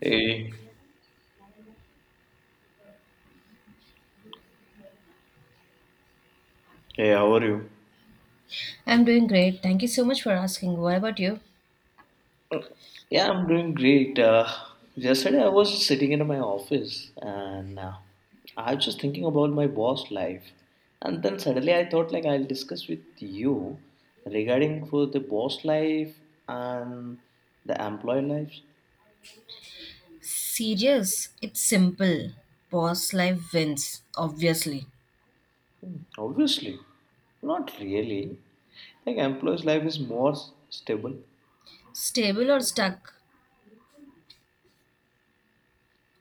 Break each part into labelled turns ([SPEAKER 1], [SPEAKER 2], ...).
[SPEAKER 1] Hey, hey, how are you?
[SPEAKER 2] I'm doing great. Thank you so much for asking. What about you?
[SPEAKER 1] Yeah, I'm doing great. Yesterday I was sitting in my office and I was just thinking about my boss life. And then suddenly I thought like I'll discuss with you regarding for the boss life and the employee lives.
[SPEAKER 2] Serious? It's simple. Boss life wins, obviously.
[SPEAKER 1] Obviously, not really. Like employee's life is more stable.
[SPEAKER 2] Stable or stuck?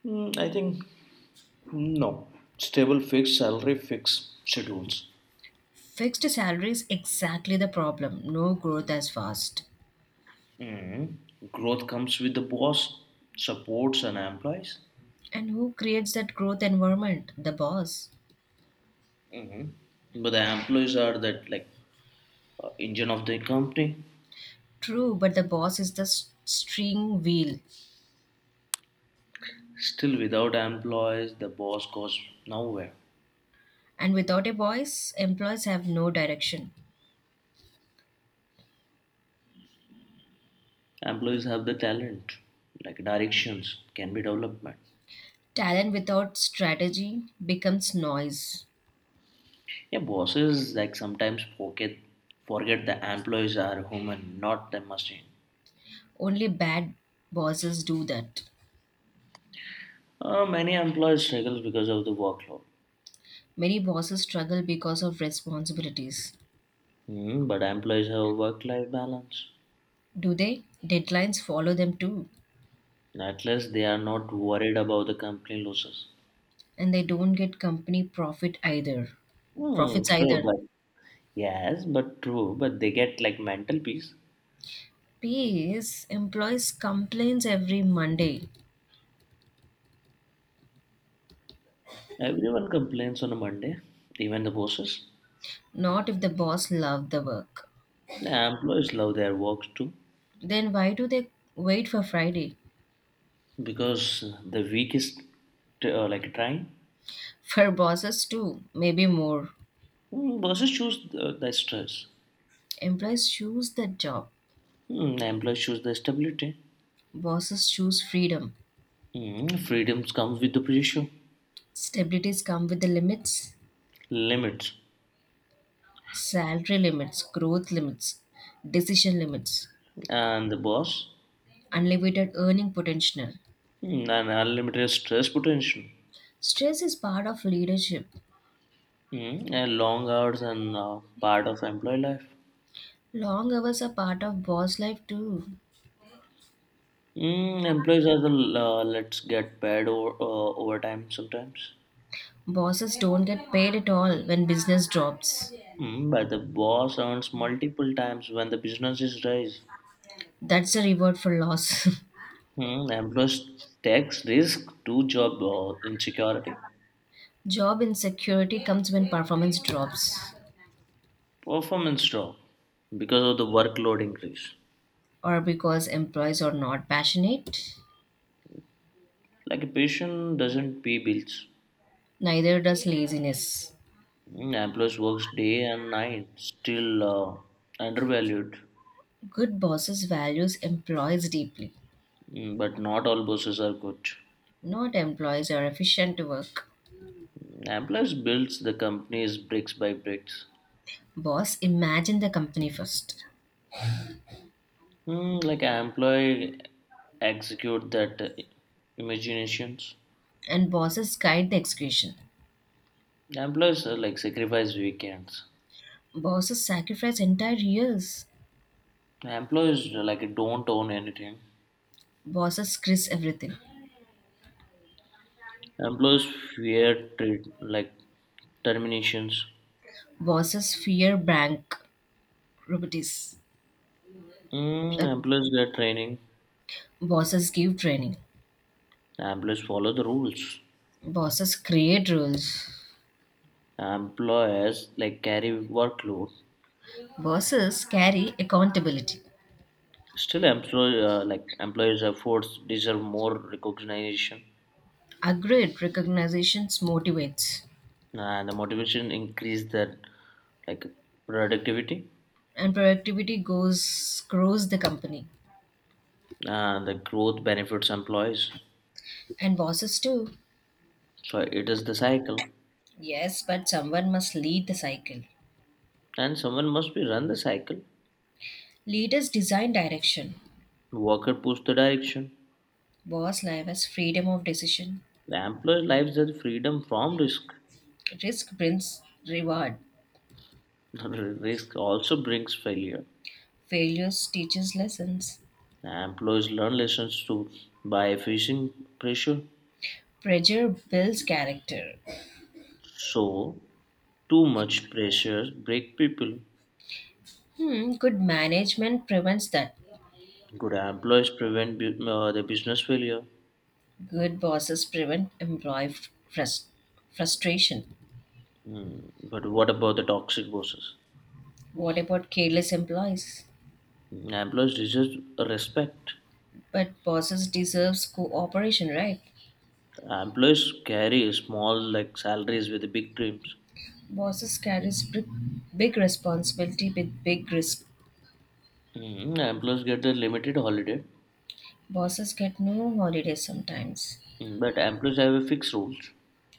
[SPEAKER 1] I think no. Stable fixed salary, fixed schedules.
[SPEAKER 2] Fixed salary is exactly the problem. No growth as fast.
[SPEAKER 1] Mm-hmm. Growth comes with the boss, supports, and employees.
[SPEAKER 2] And who creates that growth environment? The boss.
[SPEAKER 1] Mm. But the employees are that like engine of the company.
[SPEAKER 2] True, but the boss is the string wheel.
[SPEAKER 1] Still, without employees, the boss goes nowhere.
[SPEAKER 2] And without a voice, employees have no direction.
[SPEAKER 1] Employees have the talent, like directions can be development.
[SPEAKER 2] Talent without strategy becomes noise.
[SPEAKER 1] Yeah, bosses like sometimes forget the employees are human, not the machine.
[SPEAKER 2] Only bad bosses do that.
[SPEAKER 1] Many employees struggle because of the workload.
[SPEAKER 2] Many bosses struggle because of responsibilities.
[SPEAKER 1] But employees have work-life balance.
[SPEAKER 2] Do they? Deadlines follow them too,
[SPEAKER 1] At least they are not worried about the company losses.
[SPEAKER 2] and they don't get company profit either.
[SPEAKER 1] Hmm,
[SPEAKER 2] Profits
[SPEAKER 1] true,
[SPEAKER 2] either.
[SPEAKER 1] but yes, but true, but they get like mental peace.
[SPEAKER 2] P.S. employees complains every Monday.
[SPEAKER 1] Everyone complains on a Monday, even the bosses.
[SPEAKER 2] Not if the boss loved the work.
[SPEAKER 1] The employees love their work too
[SPEAKER 2] Then why do they wait for Friday?
[SPEAKER 1] because the week is like trying.
[SPEAKER 2] For bosses too, maybe more.
[SPEAKER 1] Hmm, bosses choose the stress.
[SPEAKER 2] Employees choose the job.
[SPEAKER 1] Hmm, employees choose the stability.
[SPEAKER 2] Bosses choose freedom.
[SPEAKER 1] Hmm, freedoms comes with the pressure,
[SPEAKER 2] Stabilities come with the limits,
[SPEAKER 1] limits,
[SPEAKER 2] salary limits, growth limits, decision limits.
[SPEAKER 1] and the boss,
[SPEAKER 2] Unlimited earning potential.
[SPEAKER 1] hmm, and unlimited stress potential.
[SPEAKER 2] Stress is part of leadership.
[SPEAKER 1] And long hours and part of employee life.
[SPEAKER 2] Long hours are part of boss life too.
[SPEAKER 1] Employees are the let's get paid overtime sometimes.
[SPEAKER 2] Bosses don't get paid at all when business drops.
[SPEAKER 1] But the boss earns multiple times when the business is raised.
[SPEAKER 2] That's a reward for loss.
[SPEAKER 1] Employees takes risk to job insecurity,
[SPEAKER 2] Job insecurity comes when performance drops,
[SPEAKER 1] performance drop because of the workload increase.
[SPEAKER 2] or because employees are not passionate.
[SPEAKER 1] Like a patient doesn't pay bills.
[SPEAKER 2] Neither does laziness.
[SPEAKER 1] Employees works day and night, still undervalued.
[SPEAKER 2] Good bosses values employees deeply.
[SPEAKER 1] But not all bosses are good.
[SPEAKER 2] Not employees are efficient to work.
[SPEAKER 1] Amplus builds the companies bricks by bricks.
[SPEAKER 2] Boss imagine the company first,
[SPEAKER 1] Hmm, like an employee execute that imaginations.
[SPEAKER 2] and bosses guide the execution.
[SPEAKER 1] Employees like sacrifice weekends.
[SPEAKER 2] Bosses sacrifice entire years.
[SPEAKER 1] Employees like don't own anything.
[SPEAKER 2] Bosses risk everything.
[SPEAKER 1] Employees fear treat, like terminations.
[SPEAKER 2] Bosses fear bankruptcies. Uh,
[SPEAKER 1] Employees get training.
[SPEAKER 2] Bosses give training.
[SPEAKER 1] Employees follow the rules.
[SPEAKER 2] Bosses create rules.
[SPEAKER 1] Employers like carry workload.
[SPEAKER 2] Bosses carry accountability.
[SPEAKER 1] Still, employ like employees efforts deserve more recognition.
[SPEAKER 2] A great recognition motivates,
[SPEAKER 1] The motivation increase the like productivity.
[SPEAKER 2] and productivity goes grows the company.
[SPEAKER 1] The growth benefits employees,
[SPEAKER 2] And bosses too.
[SPEAKER 1] so it is the cycle,
[SPEAKER 2] Yes, but someone must lead the cycle.
[SPEAKER 1] and someone must be run the cycle.
[SPEAKER 2] Leaders design direction.
[SPEAKER 1] Worker push the direction.
[SPEAKER 2] Boss life as freedom of decision.
[SPEAKER 1] The employer lives the freedom from risk.
[SPEAKER 2] Risk brings reward.
[SPEAKER 1] Risk also brings failure.
[SPEAKER 2] Failures teaches lessons.
[SPEAKER 1] Employees learn lessons to by facing pressure,
[SPEAKER 2] Pressure builds character.
[SPEAKER 1] so too much pressure break people.
[SPEAKER 2] Hmm, good management prevents that.
[SPEAKER 1] Good employees prevent the business failure.
[SPEAKER 2] Good bosses prevent employee frus- frustration.
[SPEAKER 1] But what about the toxic bosses?
[SPEAKER 2] What about careless employees?
[SPEAKER 1] Employees deserve respect.
[SPEAKER 2] But bosses deserves cooperation, right?
[SPEAKER 1] Employees carry small like salaries with big dreams.
[SPEAKER 2] Bosses carries big, big responsibility with big risk.
[SPEAKER 1] Employees get the limited holiday.
[SPEAKER 2] Bosses get no holidays sometimes.
[SPEAKER 1] But employees have a fixed rules.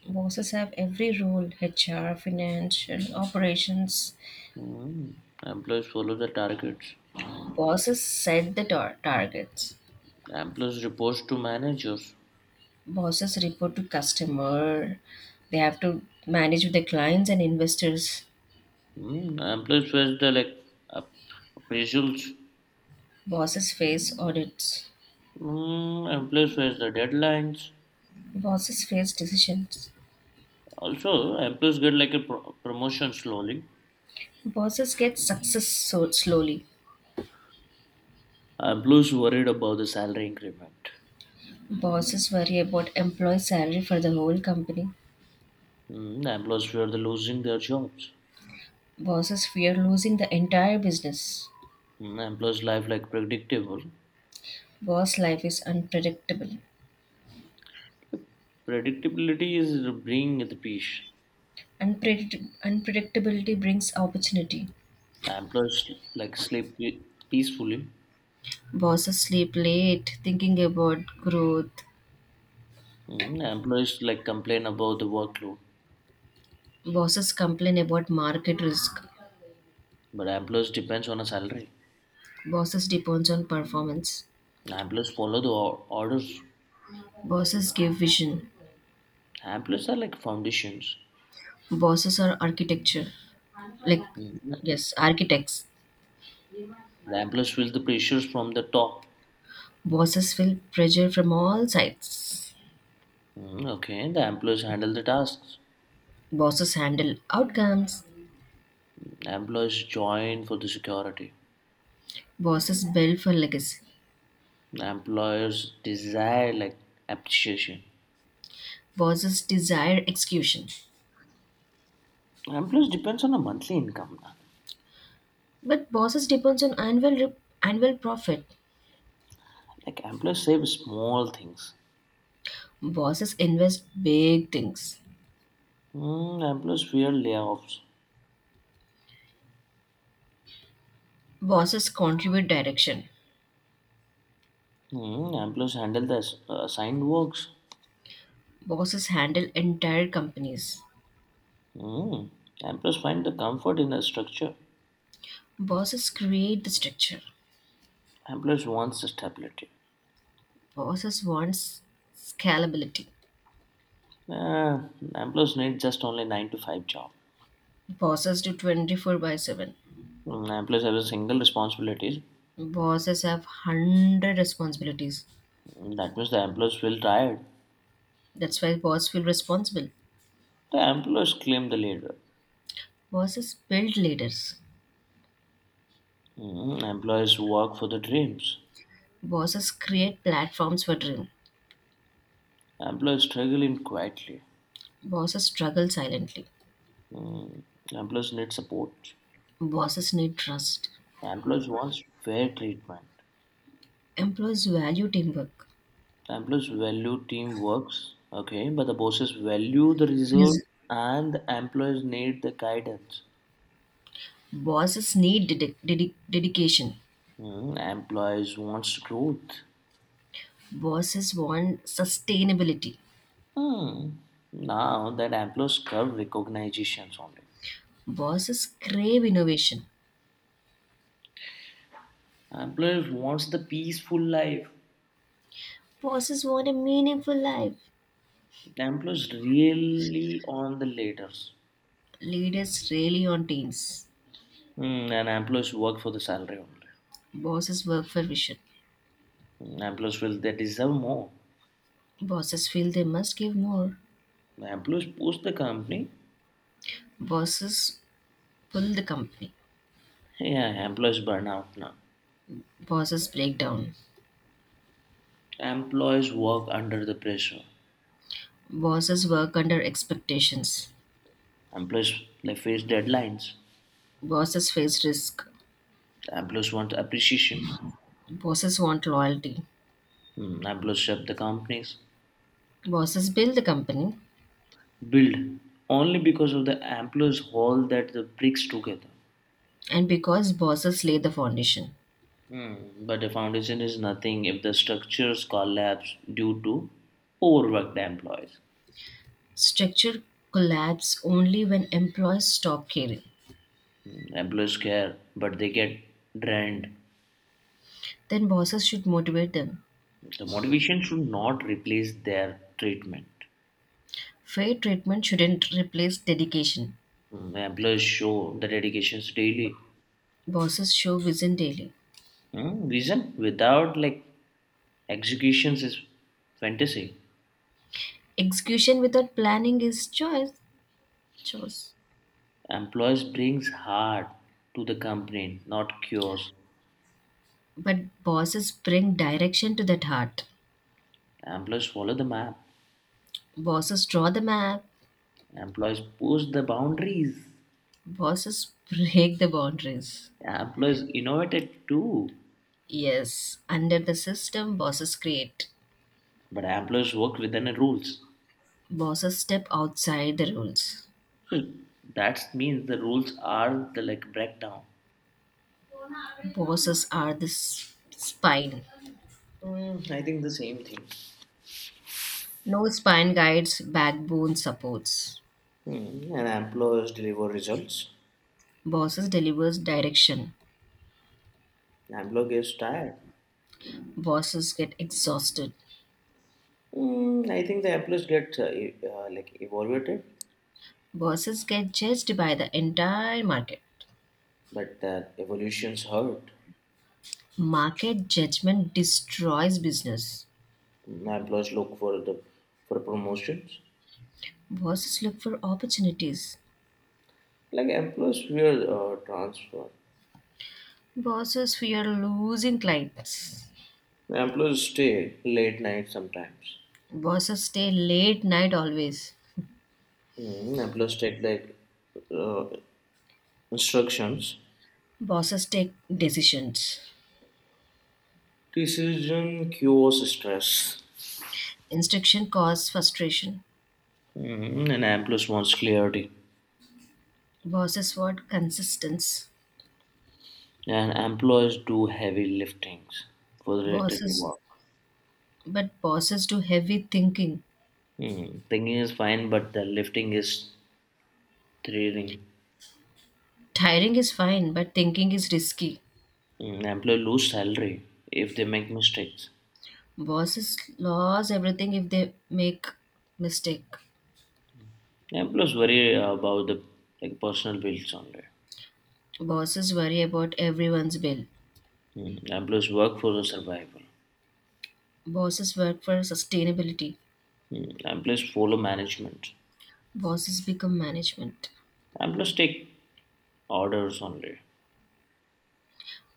[SPEAKER 2] Bosses have every role: HR, financial, operations.
[SPEAKER 1] Mm, Employees follow the targets.
[SPEAKER 2] Bosses set the targets.
[SPEAKER 1] Employees report to managers.
[SPEAKER 2] Bosses report to customer. They have to manage with the clients and investors.
[SPEAKER 1] Employees face the like ap- appraisals.
[SPEAKER 2] Bosses face audits.
[SPEAKER 1] Employees face the deadlines.
[SPEAKER 2] Bosses face decisions.
[SPEAKER 1] Also, employees get like a promotion slowly.
[SPEAKER 2] Bosses get success so slowly.
[SPEAKER 1] Employees worried about the salary increment.
[SPEAKER 2] Bosses worry about employee salary for the whole company.
[SPEAKER 1] I'm sure losing their jobs.
[SPEAKER 2] Bosses fear losing the entire business.
[SPEAKER 1] I life like predictable.
[SPEAKER 2] Boss life is unpredictable.
[SPEAKER 1] Predictability is bringing the peace.
[SPEAKER 2] Unpredictability brings opportunity.
[SPEAKER 1] Employees like peacefully.
[SPEAKER 2] Bosses sleep late thinking about growth.
[SPEAKER 1] I like complain about the workload.
[SPEAKER 2] Bosses complain about market risk.
[SPEAKER 1] But employees depends on a salary.
[SPEAKER 2] Bosses depends on performance.
[SPEAKER 1] Employees follow the orders.
[SPEAKER 2] Bosses give vision.
[SPEAKER 1] Employees are like foundations.
[SPEAKER 2] Bosses are architecture. Like
[SPEAKER 1] Mm.
[SPEAKER 2] yes, architects.
[SPEAKER 1] The employees feel the pressures from the top.
[SPEAKER 2] Bosses feel pressure from all sides.
[SPEAKER 1] Okay, the employees handle the tasks.
[SPEAKER 2] Bosses handle outcomes.
[SPEAKER 1] Employees join for the security.
[SPEAKER 2] Bosses build for legacy.
[SPEAKER 1] The Employers desire like appreciation.
[SPEAKER 2] Bosses desire execution.
[SPEAKER 1] Employers depends on a monthly income. Na.
[SPEAKER 2] But bosses depends on annual profit.
[SPEAKER 1] Like employers save small things.
[SPEAKER 2] Bosses invest big things.
[SPEAKER 1] Hmm, employers fear layoffs.
[SPEAKER 2] Bosses contribute direction.
[SPEAKER 1] Hmm, employers handle the assigned works.
[SPEAKER 2] Bosses handle entire companies.
[SPEAKER 1] Hmm, employers find the comfort in a structure.
[SPEAKER 2] Bosses create the structure.
[SPEAKER 1] Employers wants the stability.
[SPEAKER 2] Bosses wants scalability.
[SPEAKER 1] Uh, employers need just only nine to five job.
[SPEAKER 2] Bosses do 24 by 7.
[SPEAKER 1] Hmm, employers have a single responsibilities.
[SPEAKER 2] Bosses have 100 responsibilities.
[SPEAKER 1] Hmm, that means the employers feel tired.
[SPEAKER 2] That's why bosses feel responsible.
[SPEAKER 1] The employers claim the leader.
[SPEAKER 2] Bosses build leaders.
[SPEAKER 1] Hmm, employers work for the dreams.
[SPEAKER 2] Bosses create platforms for dream.
[SPEAKER 1] Employees struggling quietly.
[SPEAKER 2] Bosses struggle silently.
[SPEAKER 1] Mm. Employees need support.
[SPEAKER 2] Bosses need trust.
[SPEAKER 1] Employees wants fair treatment.
[SPEAKER 2] Employees value teamwork.
[SPEAKER 1] Employees value teamworks. Okay, but the bosses value the
[SPEAKER 2] Res-
[SPEAKER 1] results, and the employees need the guidance.
[SPEAKER 2] Bosses need dedication.
[SPEAKER 1] Mm. Employees wants growth.
[SPEAKER 2] Bosses want sustainability.
[SPEAKER 1] Hmm. Now that employees curve recognitions only.
[SPEAKER 2] Bosses crave innovation.
[SPEAKER 1] Employees wants the peaceful life.
[SPEAKER 2] Bosses want a meaningful life.
[SPEAKER 1] The employees really on the leaders.
[SPEAKER 2] Leaders rally on teams.
[SPEAKER 1] And employees work for the salary only.
[SPEAKER 2] Bosses work for vision.
[SPEAKER 1] Employees will they deserve more.
[SPEAKER 2] Bosses feel they must give more.
[SPEAKER 1] Employees push the company.
[SPEAKER 2] Bosses pull the company.
[SPEAKER 1] Yeah, employees burn out now.
[SPEAKER 2] Bosses break down.
[SPEAKER 1] Employees work under the pressure.
[SPEAKER 2] Bosses work under expectations.
[SPEAKER 1] Employees they face deadlines.
[SPEAKER 2] Bosses face risk.
[SPEAKER 1] Employees want appreciation.
[SPEAKER 2] Bosses want loyalty.
[SPEAKER 1] Hmm, employees shut the companies.
[SPEAKER 2] Bosses build the company,
[SPEAKER 1] Build only because of the employees hold that the bricks together.
[SPEAKER 2] and because bosses lay the foundation.
[SPEAKER 1] Hmm, but the foundation is nothing if the structures collapse due to overworked employees.
[SPEAKER 2] Structure collapse only when employees stop caring.
[SPEAKER 1] Employees care, but they get drained.
[SPEAKER 2] Then bosses should motivate them.
[SPEAKER 1] The motivation should not replace their treatment.
[SPEAKER 2] Fair treatment shouldn't replace dedication.
[SPEAKER 1] The Employers show the dedications daily.
[SPEAKER 2] Bosses show vision daily.
[SPEAKER 1] Reason without like executions is fantasy.
[SPEAKER 2] Execution without planning is choice. Choice.
[SPEAKER 1] Employers brings heart to the company, not cures.
[SPEAKER 2] But bosses bring direction to that heart.
[SPEAKER 1] Employers follow the map.
[SPEAKER 2] Bosses draw the map.
[SPEAKER 1] Employers push the boundaries.
[SPEAKER 2] Bosses break the boundaries.
[SPEAKER 1] Employers innovated too,
[SPEAKER 2] Yes, under the system, bosses create.
[SPEAKER 1] but employers work within the rules.
[SPEAKER 2] Bosses step outside the rules.
[SPEAKER 1] That means the rules are the like breakdown.
[SPEAKER 2] Bosses are the spine.
[SPEAKER 1] I think the same thing.
[SPEAKER 2] No spine guides, backbone supports.
[SPEAKER 1] Hmm, and employers deliver results.
[SPEAKER 2] Bosses delivers direction.
[SPEAKER 1] Employer gets tired.
[SPEAKER 2] Bosses get exhausted.
[SPEAKER 1] I think the employees get like evaluated,
[SPEAKER 2] Bosses get judged by the entire market.
[SPEAKER 1] but evolutions hurt.
[SPEAKER 2] Market judgment destroys business.
[SPEAKER 1] Employees look for the for promotions.
[SPEAKER 2] Bosses look for opportunities.
[SPEAKER 1] Like employees fear transfer.
[SPEAKER 2] Bosses fear losing clients.
[SPEAKER 1] Employees stay late night sometimes.
[SPEAKER 2] Bosses stay late night always.
[SPEAKER 1] Employees take like uh, instructions.
[SPEAKER 2] Bosses take decisions.
[SPEAKER 1] Decision cures stress.
[SPEAKER 2] Instruction causes frustration.
[SPEAKER 1] And employees wants clarity.
[SPEAKER 2] Bosses want consistency.
[SPEAKER 1] And employers do heavy liftings for related to
[SPEAKER 2] Bosses,
[SPEAKER 1] work.
[SPEAKER 2] but bosses do heavy thinking.
[SPEAKER 1] Hmm. Thinking is fine, but the lifting is thrilling.
[SPEAKER 2] Tiring is fine, but thinking is risky.
[SPEAKER 1] Employer lose salary if they make mistakes.
[SPEAKER 2] Bosses lose everything if they make mistake.
[SPEAKER 1] Employers worry about the like personal bills only.
[SPEAKER 2] Bosses worry about everyone's bill.
[SPEAKER 1] Employees work for the survival.
[SPEAKER 2] Bosses work for sustainability.
[SPEAKER 1] Employees follow management.
[SPEAKER 2] Bosses become management.
[SPEAKER 1] Employees take orders only.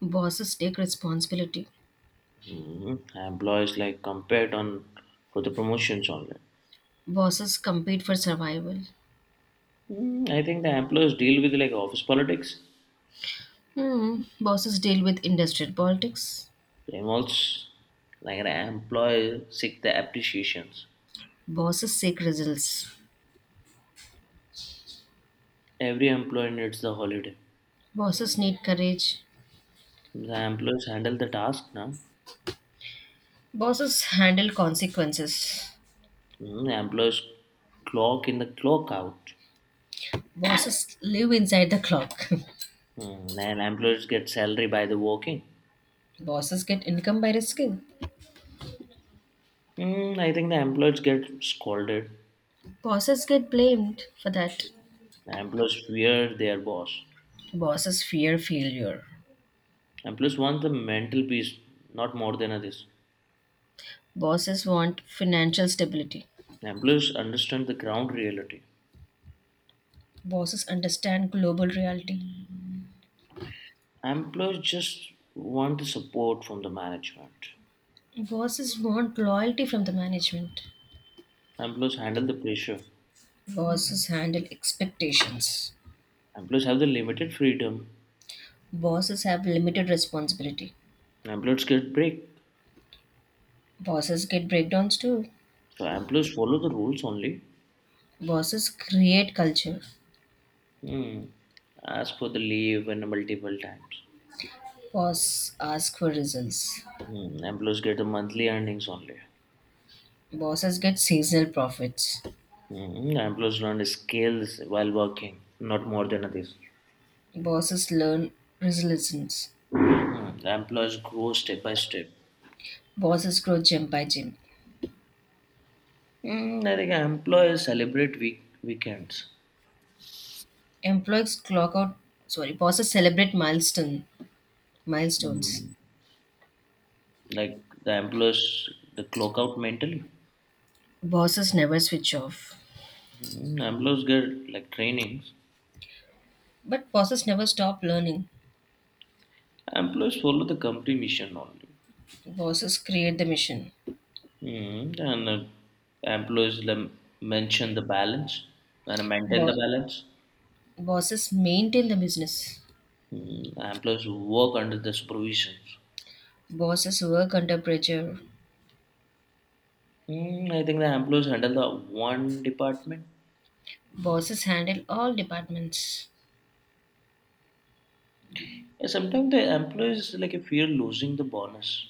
[SPEAKER 2] Bosses take responsibility.
[SPEAKER 1] Employees like compared on for the promotions only.
[SPEAKER 2] Bosses compete for survival.
[SPEAKER 1] I think the employees deal with like office politics.
[SPEAKER 2] Hmm. Bosses deal with industrial politics.
[SPEAKER 1] It involves like the employee seek the appreciations.
[SPEAKER 2] Bosses seek results.
[SPEAKER 1] Every employee needs the holiday.
[SPEAKER 2] Bosses need courage.
[SPEAKER 1] The employees handle the task now.
[SPEAKER 2] Bosses handle consequences.
[SPEAKER 1] The employees clock in the clock out.
[SPEAKER 2] Bosses live inside the clock.
[SPEAKER 1] And employees get salary by the working.
[SPEAKER 2] Bosses get income by risking.
[SPEAKER 1] I think the employees get scolded.
[SPEAKER 2] Bosses get blamed for that.
[SPEAKER 1] The employees fear their boss.
[SPEAKER 2] Bosses fear failure.
[SPEAKER 1] Employees want the mental peace, not more than this.
[SPEAKER 2] Bosses want financial stability.
[SPEAKER 1] Employees understand the ground reality.
[SPEAKER 2] Bosses understand global reality.
[SPEAKER 1] Employees just want the support from the management.
[SPEAKER 2] Bosses want loyalty from the management.
[SPEAKER 1] Employees handle the pressure.
[SPEAKER 2] Bosses handle expectations.
[SPEAKER 1] Employees have the limited freedom.
[SPEAKER 2] Bosses have limited responsibility.
[SPEAKER 1] Employees get break.
[SPEAKER 2] Bosses get breakdowns too.
[SPEAKER 1] So employees follow the rules only.
[SPEAKER 2] Bosses create culture.
[SPEAKER 1] Hmm. Ask for the leave and multiple times.
[SPEAKER 2] Bosses ask for results.
[SPEAKER 1] Hmm. Employees get the monthly earnings only.
[SPEAKER 2] Bosses get seasonal profits.
[SPEAKER 1] Hmm. Employees learn skills while working, not more than this.
[SPEAKER 2] Bosses learn resilience.
[SPEAKER 1] Hmm. The employees grow step by step.
[SPEAKER 2] Bosses grow gym by gym.
[SPEAKER 1] Hmm. I think employees celebrate week weekends.
[SPEAKER 2] Employees clock out. Sorry, bosses celebrate milestones.
[SPEAKER 1] Hmm. Like the employees, the clock out mentally.
[SPEAKER 2] Bosses never switch off.
[SPEAKER 1] Employees get like trainings.
[SPEAKER 2] But bosses never stop learning.
[SPEAKER 1] Employees follow the company mission only.
[SPEAKER 2] Bosses create the mission.
[SPEAKER 1] Mm, and Employees mention the balance and maintain the
[SPEAKER 2] Bo-
[SPEAKER 1] balance.
[SPEAKER 2] Bosses maintain the business.
[SPEAKER 1] Employees work under the supervisions.
[SPEAKER 2] Bosses work under pressure.
[SPEAKER 1] I think the employees handle the one department.
[SPEAKER 2] Bosses handle all departments.
[SPEAKER 1] Yeah, sometimes the employees like fear losing the bonus,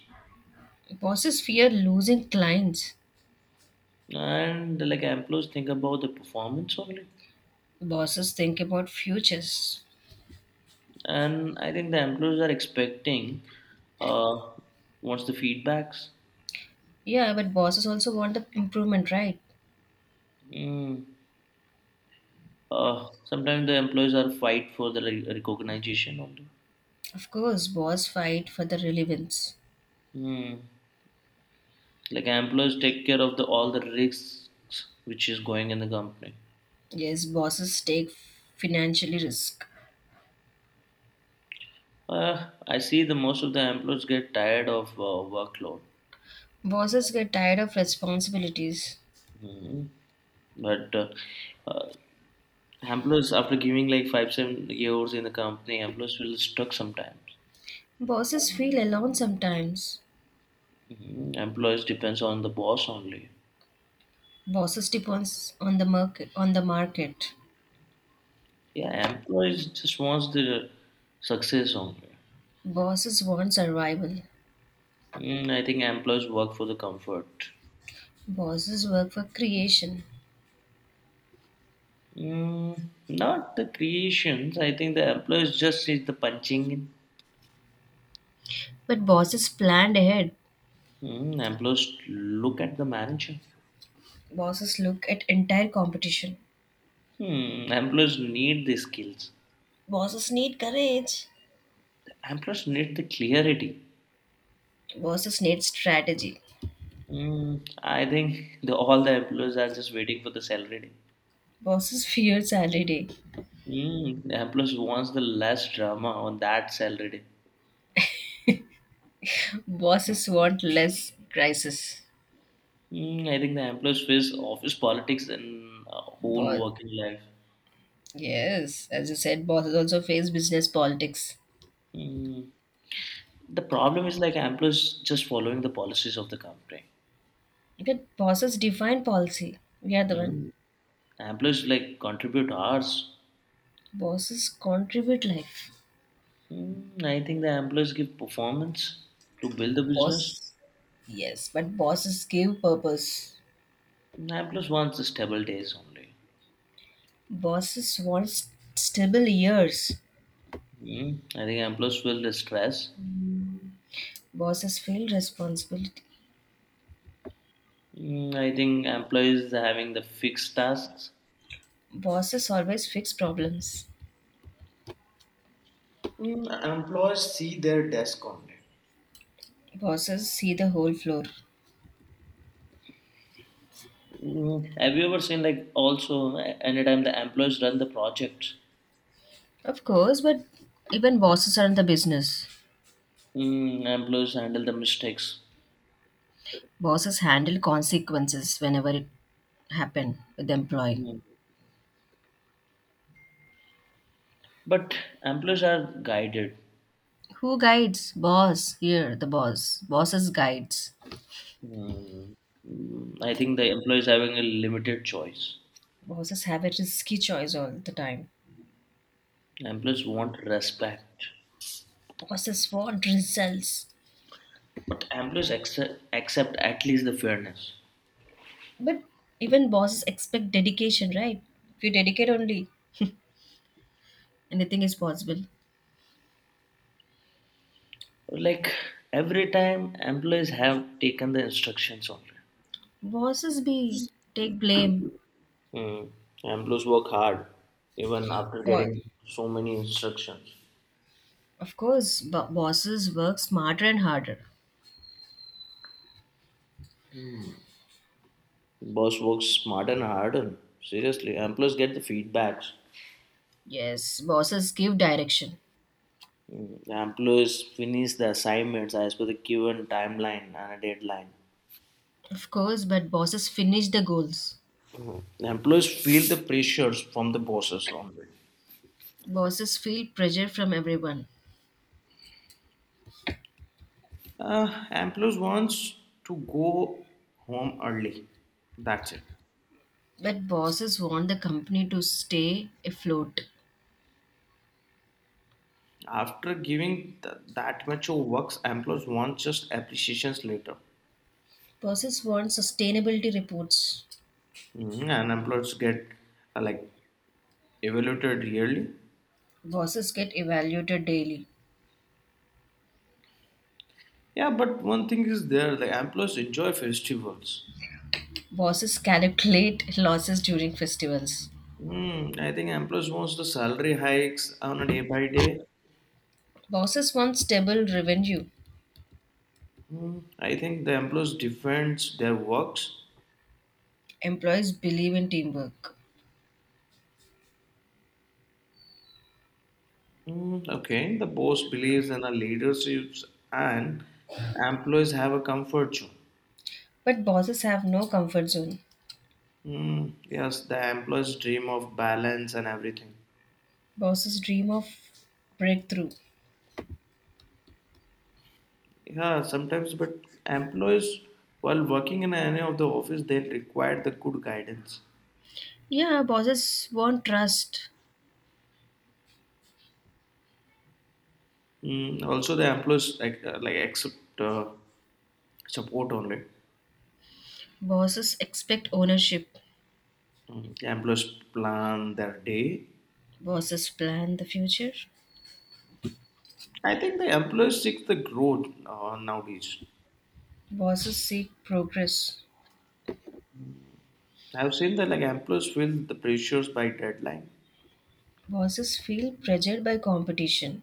[SPEAKER 2] Bosses fear losing clients.
[SPEAKER 1] and like employees think about the performance only.
[SPEAKER 2] Bosses think about futures.
[SPEAKER 1] And I think the employees are expecting uh, what's the feedbacks.
[SPEAKER 2] Yeah, but bosses also want the improvement, right?
[SPEAKER 1] Mm. Sometimes the employees are fight for the recognition only.
[SPEAKER 2] Of course, boss fight for the relevance.
[SPEAKER 1] Hmm. Like employees take care of the all the risks which is going in the company.
[SPEAKER 2] Yes, bosses take financially risk.
[SPEAKER 1] I see the most of the employees get tired of workload.
[SPEAKER 2] Bosses get tired of responsibilities.
[SPEAKER 1] Hmm. But uh, employees after giving like 5-7 years in the company, employees will stuck sometimes.
[SPEAKER 2] Bosses feel alone sometimes.
[SPEAKER 1] Hmm Employees depends on the boss only.
[SPEAKER 2] Bosses depends on the market. On the market,
[SPEAKER 1] Yeah, employees just wants the success only.
[SPEAKER 2] bosses want survival.
[SPEAKER 1] I think employees work for the comfort.
[SPEAKER 2] Bosses work for creation,
[SPEAKER 1] Not the creations. I think the employees just is the punching in.
[SPEAKER 2] but bosses planned ahead.
[SPEAKER 1] Employees look at the manager.
[SPEAKER 2] Bosses look at entire competition.
[SPEAKER 1] Hmm, employees need the skills.
[SPEAKER 2] Bosses need courage.
[SPEAKER 1] Employees need the clarity.
[SPEAKER 2] Bosses need strategy.
[SPEAKER 1] I think the, all the employees are just waiting for the salary day.
[SPEAKER 2] Bosses fear salary day.
[SPEAKER 1] The employees wants the less drama on that salary day.
[SPEAKER 2] Bosses want less crisis.
[SPEAKER 1] I think the employees face office politics and whole
[SPEAKER 2] Boss,
[SPEAKER 1] working life.
[SPEAKER 2] yes, as you said, bosses also face business politics.
[SPEAKER 1] Mm, the problem is like employees just following the policies of the company.
[SPEAKER 2] But bosses define policy. We are the one.
[SPEAKER 1] Mm. Amplifiers like contribute hours.
[SPEAKER 2] Bosses contribute life.
[SPEAKER 1] I think the amplifiers give performance to build the business.
[SPEAKER 2] Boss, yes, but bosses give purpose.
[SPEAKER 1] Amplifiers wants the stable days only.
[SPEAKER 2] Bosses want stable years.
[SPEAKER 1] I think amplifiers will the stress.
[SPEAKER 2] Bosses feel responsibility.
[SPEAKER 1] I think employees having the fixed tasks.
[SPEAKER 2] Bosses always fix problems.
[SPEAKER 1] Employees see their desk only.
[SPEAKER 2] Bosses see the whole floor.
[SPEAKER 1] Have you ever seen like also anytime the employees run the projects,
[SPEAKER 2] Of course, but even bosses are in the business.
[SPEAKER 1] mm, employees handle the mistakes,
[SPEAKER 2] Bosses handle consequences whenever it happen with the employee.
[SPEAKER 1] Mm. But employees are guided.
[SPEAKER 2] Who guides? Boss. Here, the boss. Bosses guides.
[SPEAKER 1] Mm, I think the employees having a limited choice.
[SPEAKER 2] Bosses have a risky choice all the time.
[SPEAKER 1] Employees want respect,
[SPEAKER 2] Bosses want results.
[SPEAKER 1] but employees accept at least the fairness.
[SPEAKER 2] But even bosses expect dedication, right? If you dedicate only, anything is possible.
[SPEAKER 1] Like every time, employees have taken the instructions only.
[SPEAKER 2] Bosses be take blame.
[SPEAKER 1] Mm. Employees work hard even after
[SPEAKER 2] Boss.
[SPEAKER 1] getting so many instructions.
[SPEAKER 2] Of course, bosses work smarter and harder.
[SPEAKER 1] Boss works smart and harder. Seriously, employees get the feedbacks.
[SPEAKER 2] Yes, bosses give direction.
[SPEAKER 1] Mm. Employees finish the assignments as per the given timeline and a deadline.
[SPEAKER 2] Of course, but bosses finish the goals.
[SPEAKER 1] The employees feel the pressures from the bosses only.
[SPEAKER 2] Bosses feel pressure from everyone.
[SPEAKER 1] Employees wants to go home early. That's it.
[SPEAKER 2] But bosses want the company to stay afloat.
[SPEAKER 1] After giving that much of works, employees want just appreciations later.
[SPEAKER 2] Bosses want sustainability reports.
[SPEAKER 1] Mhm, and employees get like evaluated yearly.
[SPEAKER 2] Bosses get evaluated daily.
[SPEAKER 1] Yeah, but one thing is there, the employees enjoy festivals.
[SPEAKER 2] Bosses calculate losses during festivals.
[SPEAKER 1] I think employees wants the salary hikes on a day by day.
[SPEAKER 2] Bosses want stable revenue.
[SPEAKER 1] I think the employees defends their works.
[SPEAKER 2] Employees believe in teamwork.
[SPEAKER 1] Okay, the boss believes in a leadership and employees have a comfort zone.
[SPEAKER 2] But bosses have no comfort zone.
[SPEAKER 1] Yes, the employees dream of balance and everything.
[SPEAKER 2] Bosses dream of breakthrough.
[SPEAKER 1] Yeah, sometimes, but employees, while working in any of the office, they require the good guidance.
[SPEAKER 2] Yeah, bosses want trust.
[SPEAKER 1] Also, the employees like accept support only.
[SPEAKER 2] Bosses expect ownership.
[SPEAKER 1] The employees plan their day.
[SPEAKER 2] Bosses plan the future.
[SPEAKER 1] I think the employees seek the growth nowadays.
[SPEAKER 2] Bosses seek progress.
[SPEAKER 1] I've seen that like employees feel the pressures by deadline.
[SPEAKER 2] Bosses feel pressured by competition.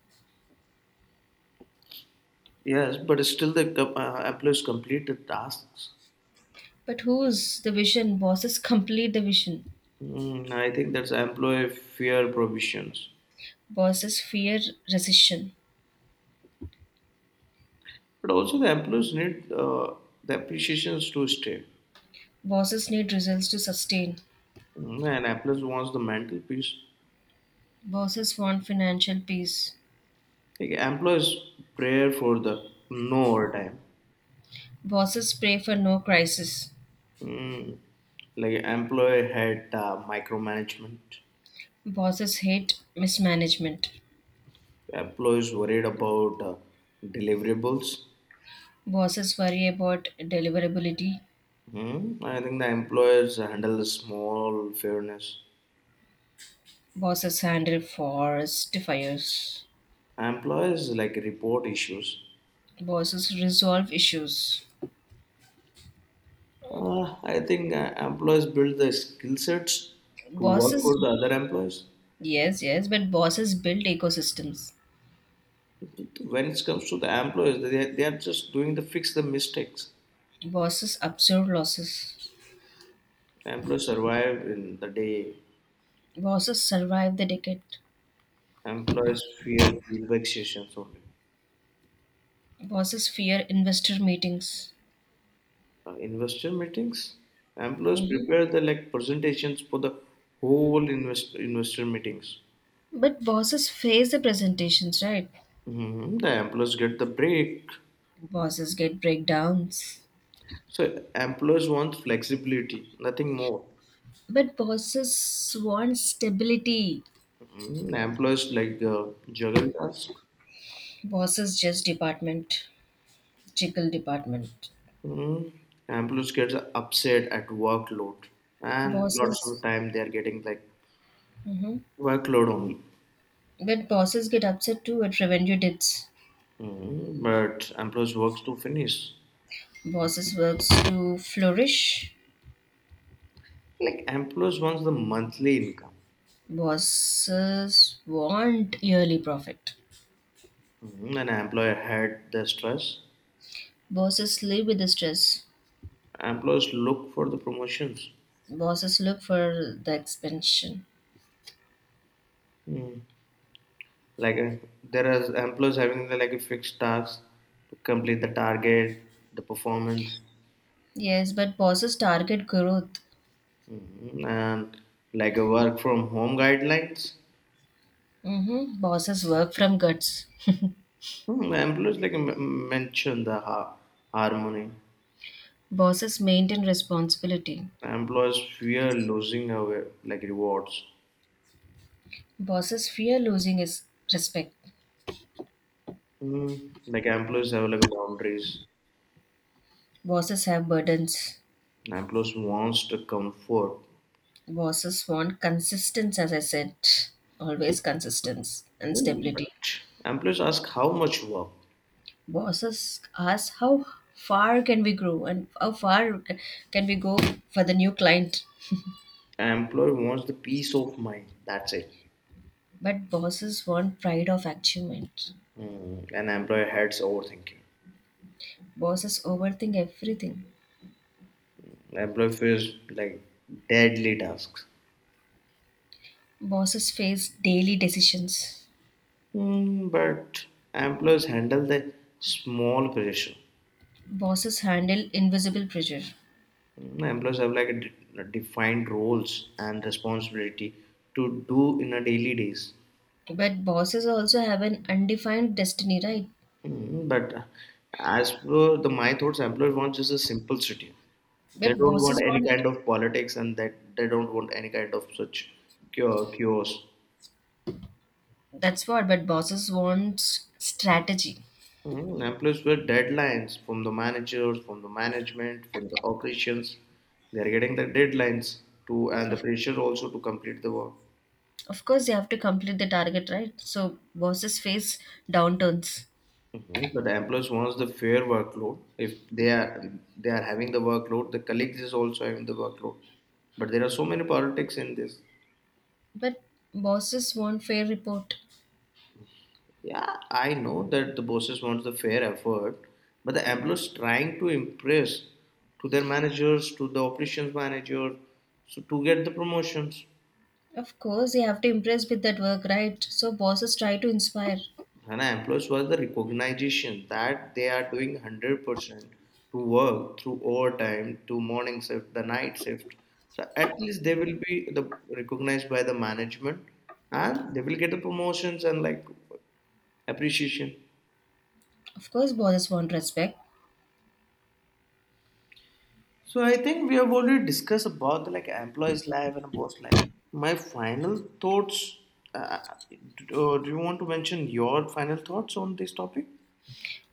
[SPEAKER 1] Yes, but still employees complete the tasks.
[SPEAKER 2] But who's the vision? Bosses complete the vision.
[SPEAKER 1] Mm, I think that's employee fair provisions.
[SPEAKER 2] Bosses fear recession.
[SPEAKER 1] But also the employees need the appreciations to stay.
[SPEAKER 2] Bosses need results to sustain.
[SPEAKER 1] Mm, and employees wants the mental peace.
[SPEAKER 2] Bosses want financial peace.
[SPEAKER 1] Like employees prayer for the no overtime.
[SPEAKER 2] Bosses pray for no crisis.
[SPEAKER 1] Mm, like employee had micromanagement.
[SPEAKER 2] Bosses hate mismanagement.
[SPEAKER 1] Employees worried about deliverables.
[SPEAKER 2] Bosses worry about deliverability.
[SPEAKER 1] Mm, I think the employers handle the small fairness.
[SPEAKER 2] Bosses handle forest fires.
[SPEAKER 1] Employers like report issues.
[SPEAKER 2] Bosses resolve issues.
[SPEAKER 1] I think employers build the skill sets to work
[SPEAKER 2] Bosses,
[SPEAKER 1] for the other employers.
[SPEAKER 2] yes, yes, but bosses build ecosystems.
[SPEAKER 1] When it comes to the employers, they are just doing the fix the mistakes.
[SPEAKER 2] Bosses absorb losses.
[SPEAKER 1] Employers survive in the day.
[SPEAKER 2] Bosses survive the decade.
[SPEAKER 1] Employers fear feedback sessions only.
[SPEAKER 2] Bosses fear investor meetings.
[SPEAKER 1] Investor meetings. Employers
[SPEAKER 2] Mhm.
[SPEAKER 1] prepare the like presentations for the whole investor meetings.
[SPEAKER 2] But bosses face the presentations, right?
[SPEAKER 1] Hmm. The employers get the break.
[SPEAKER 2] Bosses get breakdowns.
[SPEAKER 1] So employers want flexibility, nothing more.
[SPEAKER 2] But bosses want stability.
[SPEAKER 1] Mm, employees like juggle tasks.
[SPEAKER 2] Bosses just department, chickle department.
[SPEAKER 1] Mm, employees get upset at workload, and lots of
[SPEAKER 2] Bosses,
[SPEAKER 1] time they are getting like
[SPEAKER 2] hmm
[SPEAKER 1] workload only.
[SPEAKER 2] But bosses get upset too at revenue dips.
[SPEAKER 1] Mm, but employees works to finish.
[SPEAKER 2] Bosses works to flourish.
[SPEAKER 1] Like employees wants the monthly income.
[SPEAKER 2] Bosses want yearly profit.
[SPEAKER 1] Mm, an employer had the stress.
[SPEAKER 2] Bosses live with the stress.
[SPEAKER 1] Employees look for the promotions.
[SPEAKER 2] Bosses look for the expansion.
[SPEAKER 1] Mm. Like there are employees having the, like a fixed task to complete the target, the performance.
[SPEAKER 2] Yes, but bosses target growth.
[SPEAKER 1] Mm, and like a work from home guidelines.
[SPEAKER 2] Bosses work from guts.
[SPEAKER 1] Hmm, employees like mention the harmony.
[SPEAKER 2] Bosses maintain responsibility.
[SPEAKER 1] Employees fear losing away like rewards.
[SPEAKER 2] Bosses fear losing his respect.
[SPEAKER 1] Mm, like employees have like boundaries.
[SPEAKER 2] Bosses have burdens.
[SPEAKER 1] Employees wants the comfort.
[SPEAKER 2] Bosses want consistency, as I said, always consistency and
[SPEAKER 1] Mm,
[SPEAKER 2] stability.
[SPEAKER 1] but employees ask how much work.
[SPEAKER 2] Bosses ask how far can we grow and how far can we go for the new client.
[SPEAKER 1] Employee wants the peace of mind. That's it.
[SPEAKER 2] But bosses want pride of achievement.
[SPEAKER 1] Mm, and employee hates overthinking.
[SPEAKER 2] Bosses overthink everything.
[SPEAKER 1] Employee feels like deadly tasks.
[SPEAKER 2] Bosses face daily decisions.
[SPEAKER 1] Mm, but employers handle the small pressure.
[SPEAKER 2] Bosses handle invisible pressure,
[SPEAKER 1] Mm, employers have like a defined roles and responsibility to do in a daily days.
[SPEAKER 2] but bosses also have an undefined destiny, right?
[SPEAKER 1] Mm, but as per the my thoughts, employer wants just a simple city. They
[SPEAKER 2] but
[SPEAKER 1] don't want
[SPEAKER 2] bosses
[SPEAKER 1] any
[SPEAKER 2] want
[SPEAKER 1] kind of politics and that they don't want any kind of such chaos.
[SPEAKER 2] that's what but bosses want strategy.
[SPEAKER 1] Mhm. Employees with deadlines from the managers, from the management, from the operations. They are getting the deadlines to and the
[SPEAKER 2] of,
[SPEAKER 1] pressure also to complete the work.
[SPEAKER 2] of course they have to complete the target, right? So bosses face downturns.
[SPEAKER 1] Mhm. But the employees wants the fair workload. If they are they are having the workload, the colleagues is also having the workload. But there are so many politics in this.
[SPEAKER 2] But bosses want fair report.
[SPEAKER 1] Yeah, I know that the bosses wants the fair effort, but the employees trying to impress to their managers, to the operations manager, so to get the promotions.
[SPEAKER 2] Of course they have to impress with that work, right? So bosses try to inspire.
[SPEAKER 1] HANA employees was the recognition that they are doing 100% to work through overtime, to morning shift, the night shift. So at least they will be the, recognized by the management and they will get the promotions and like appreciation.
[SPEAKER 2] Of course bosses want respect.
[SPEAKER 1] So I think we have already discussed about the like employees life and boss life. My final thoughts. Uh, do you want to mention your final thoughts on this topic?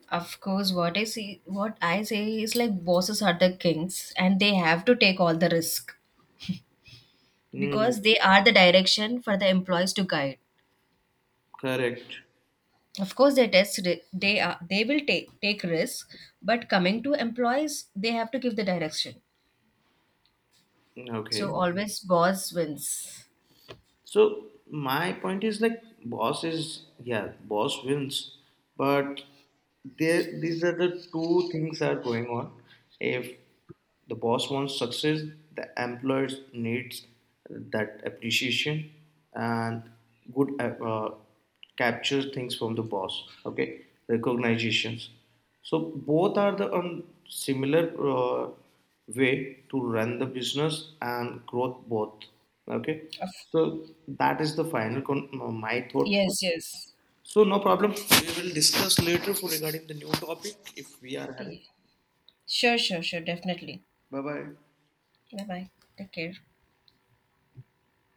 [SPEAKER 2] Of course, what I see, what I say is like bosses are the kings and they have to take all the risk
[SPEAKER 1] Hmm.
[SPEAKER 2] because they are the direction for the employees to guide.
[SPEAKER 1] Correct.
[SPEAKER 2] Of course, they test ri- they are they will take risk, but coming to employees, they have to give the direction. So
[SPEAKER 1] Okay.
[SPEAKER 2] always, boss wins.
[SPEAKER 1] So my point is like boss is, yeah, boss wins, but there these are the two things are going on. If the boss wants success, the employer needs that appreciation and good capture things from the boss, okay, recognitions, so both are the similar uh, way to run the business and growth both, okay,
[SPEAKER 2] Of,
[SPEAKER 1] so that is the final my thought,
[SPEAKER 2] yes, yes.
[SPEAKER 1] so no problem we will discuss later for regarding the new topic if we are having.
[SPEAKER 2] Sure, sure, sure. Definitely.
[SPEAKER 1] Bye bye.
[SPEAKER 2] Bye bye. Take care.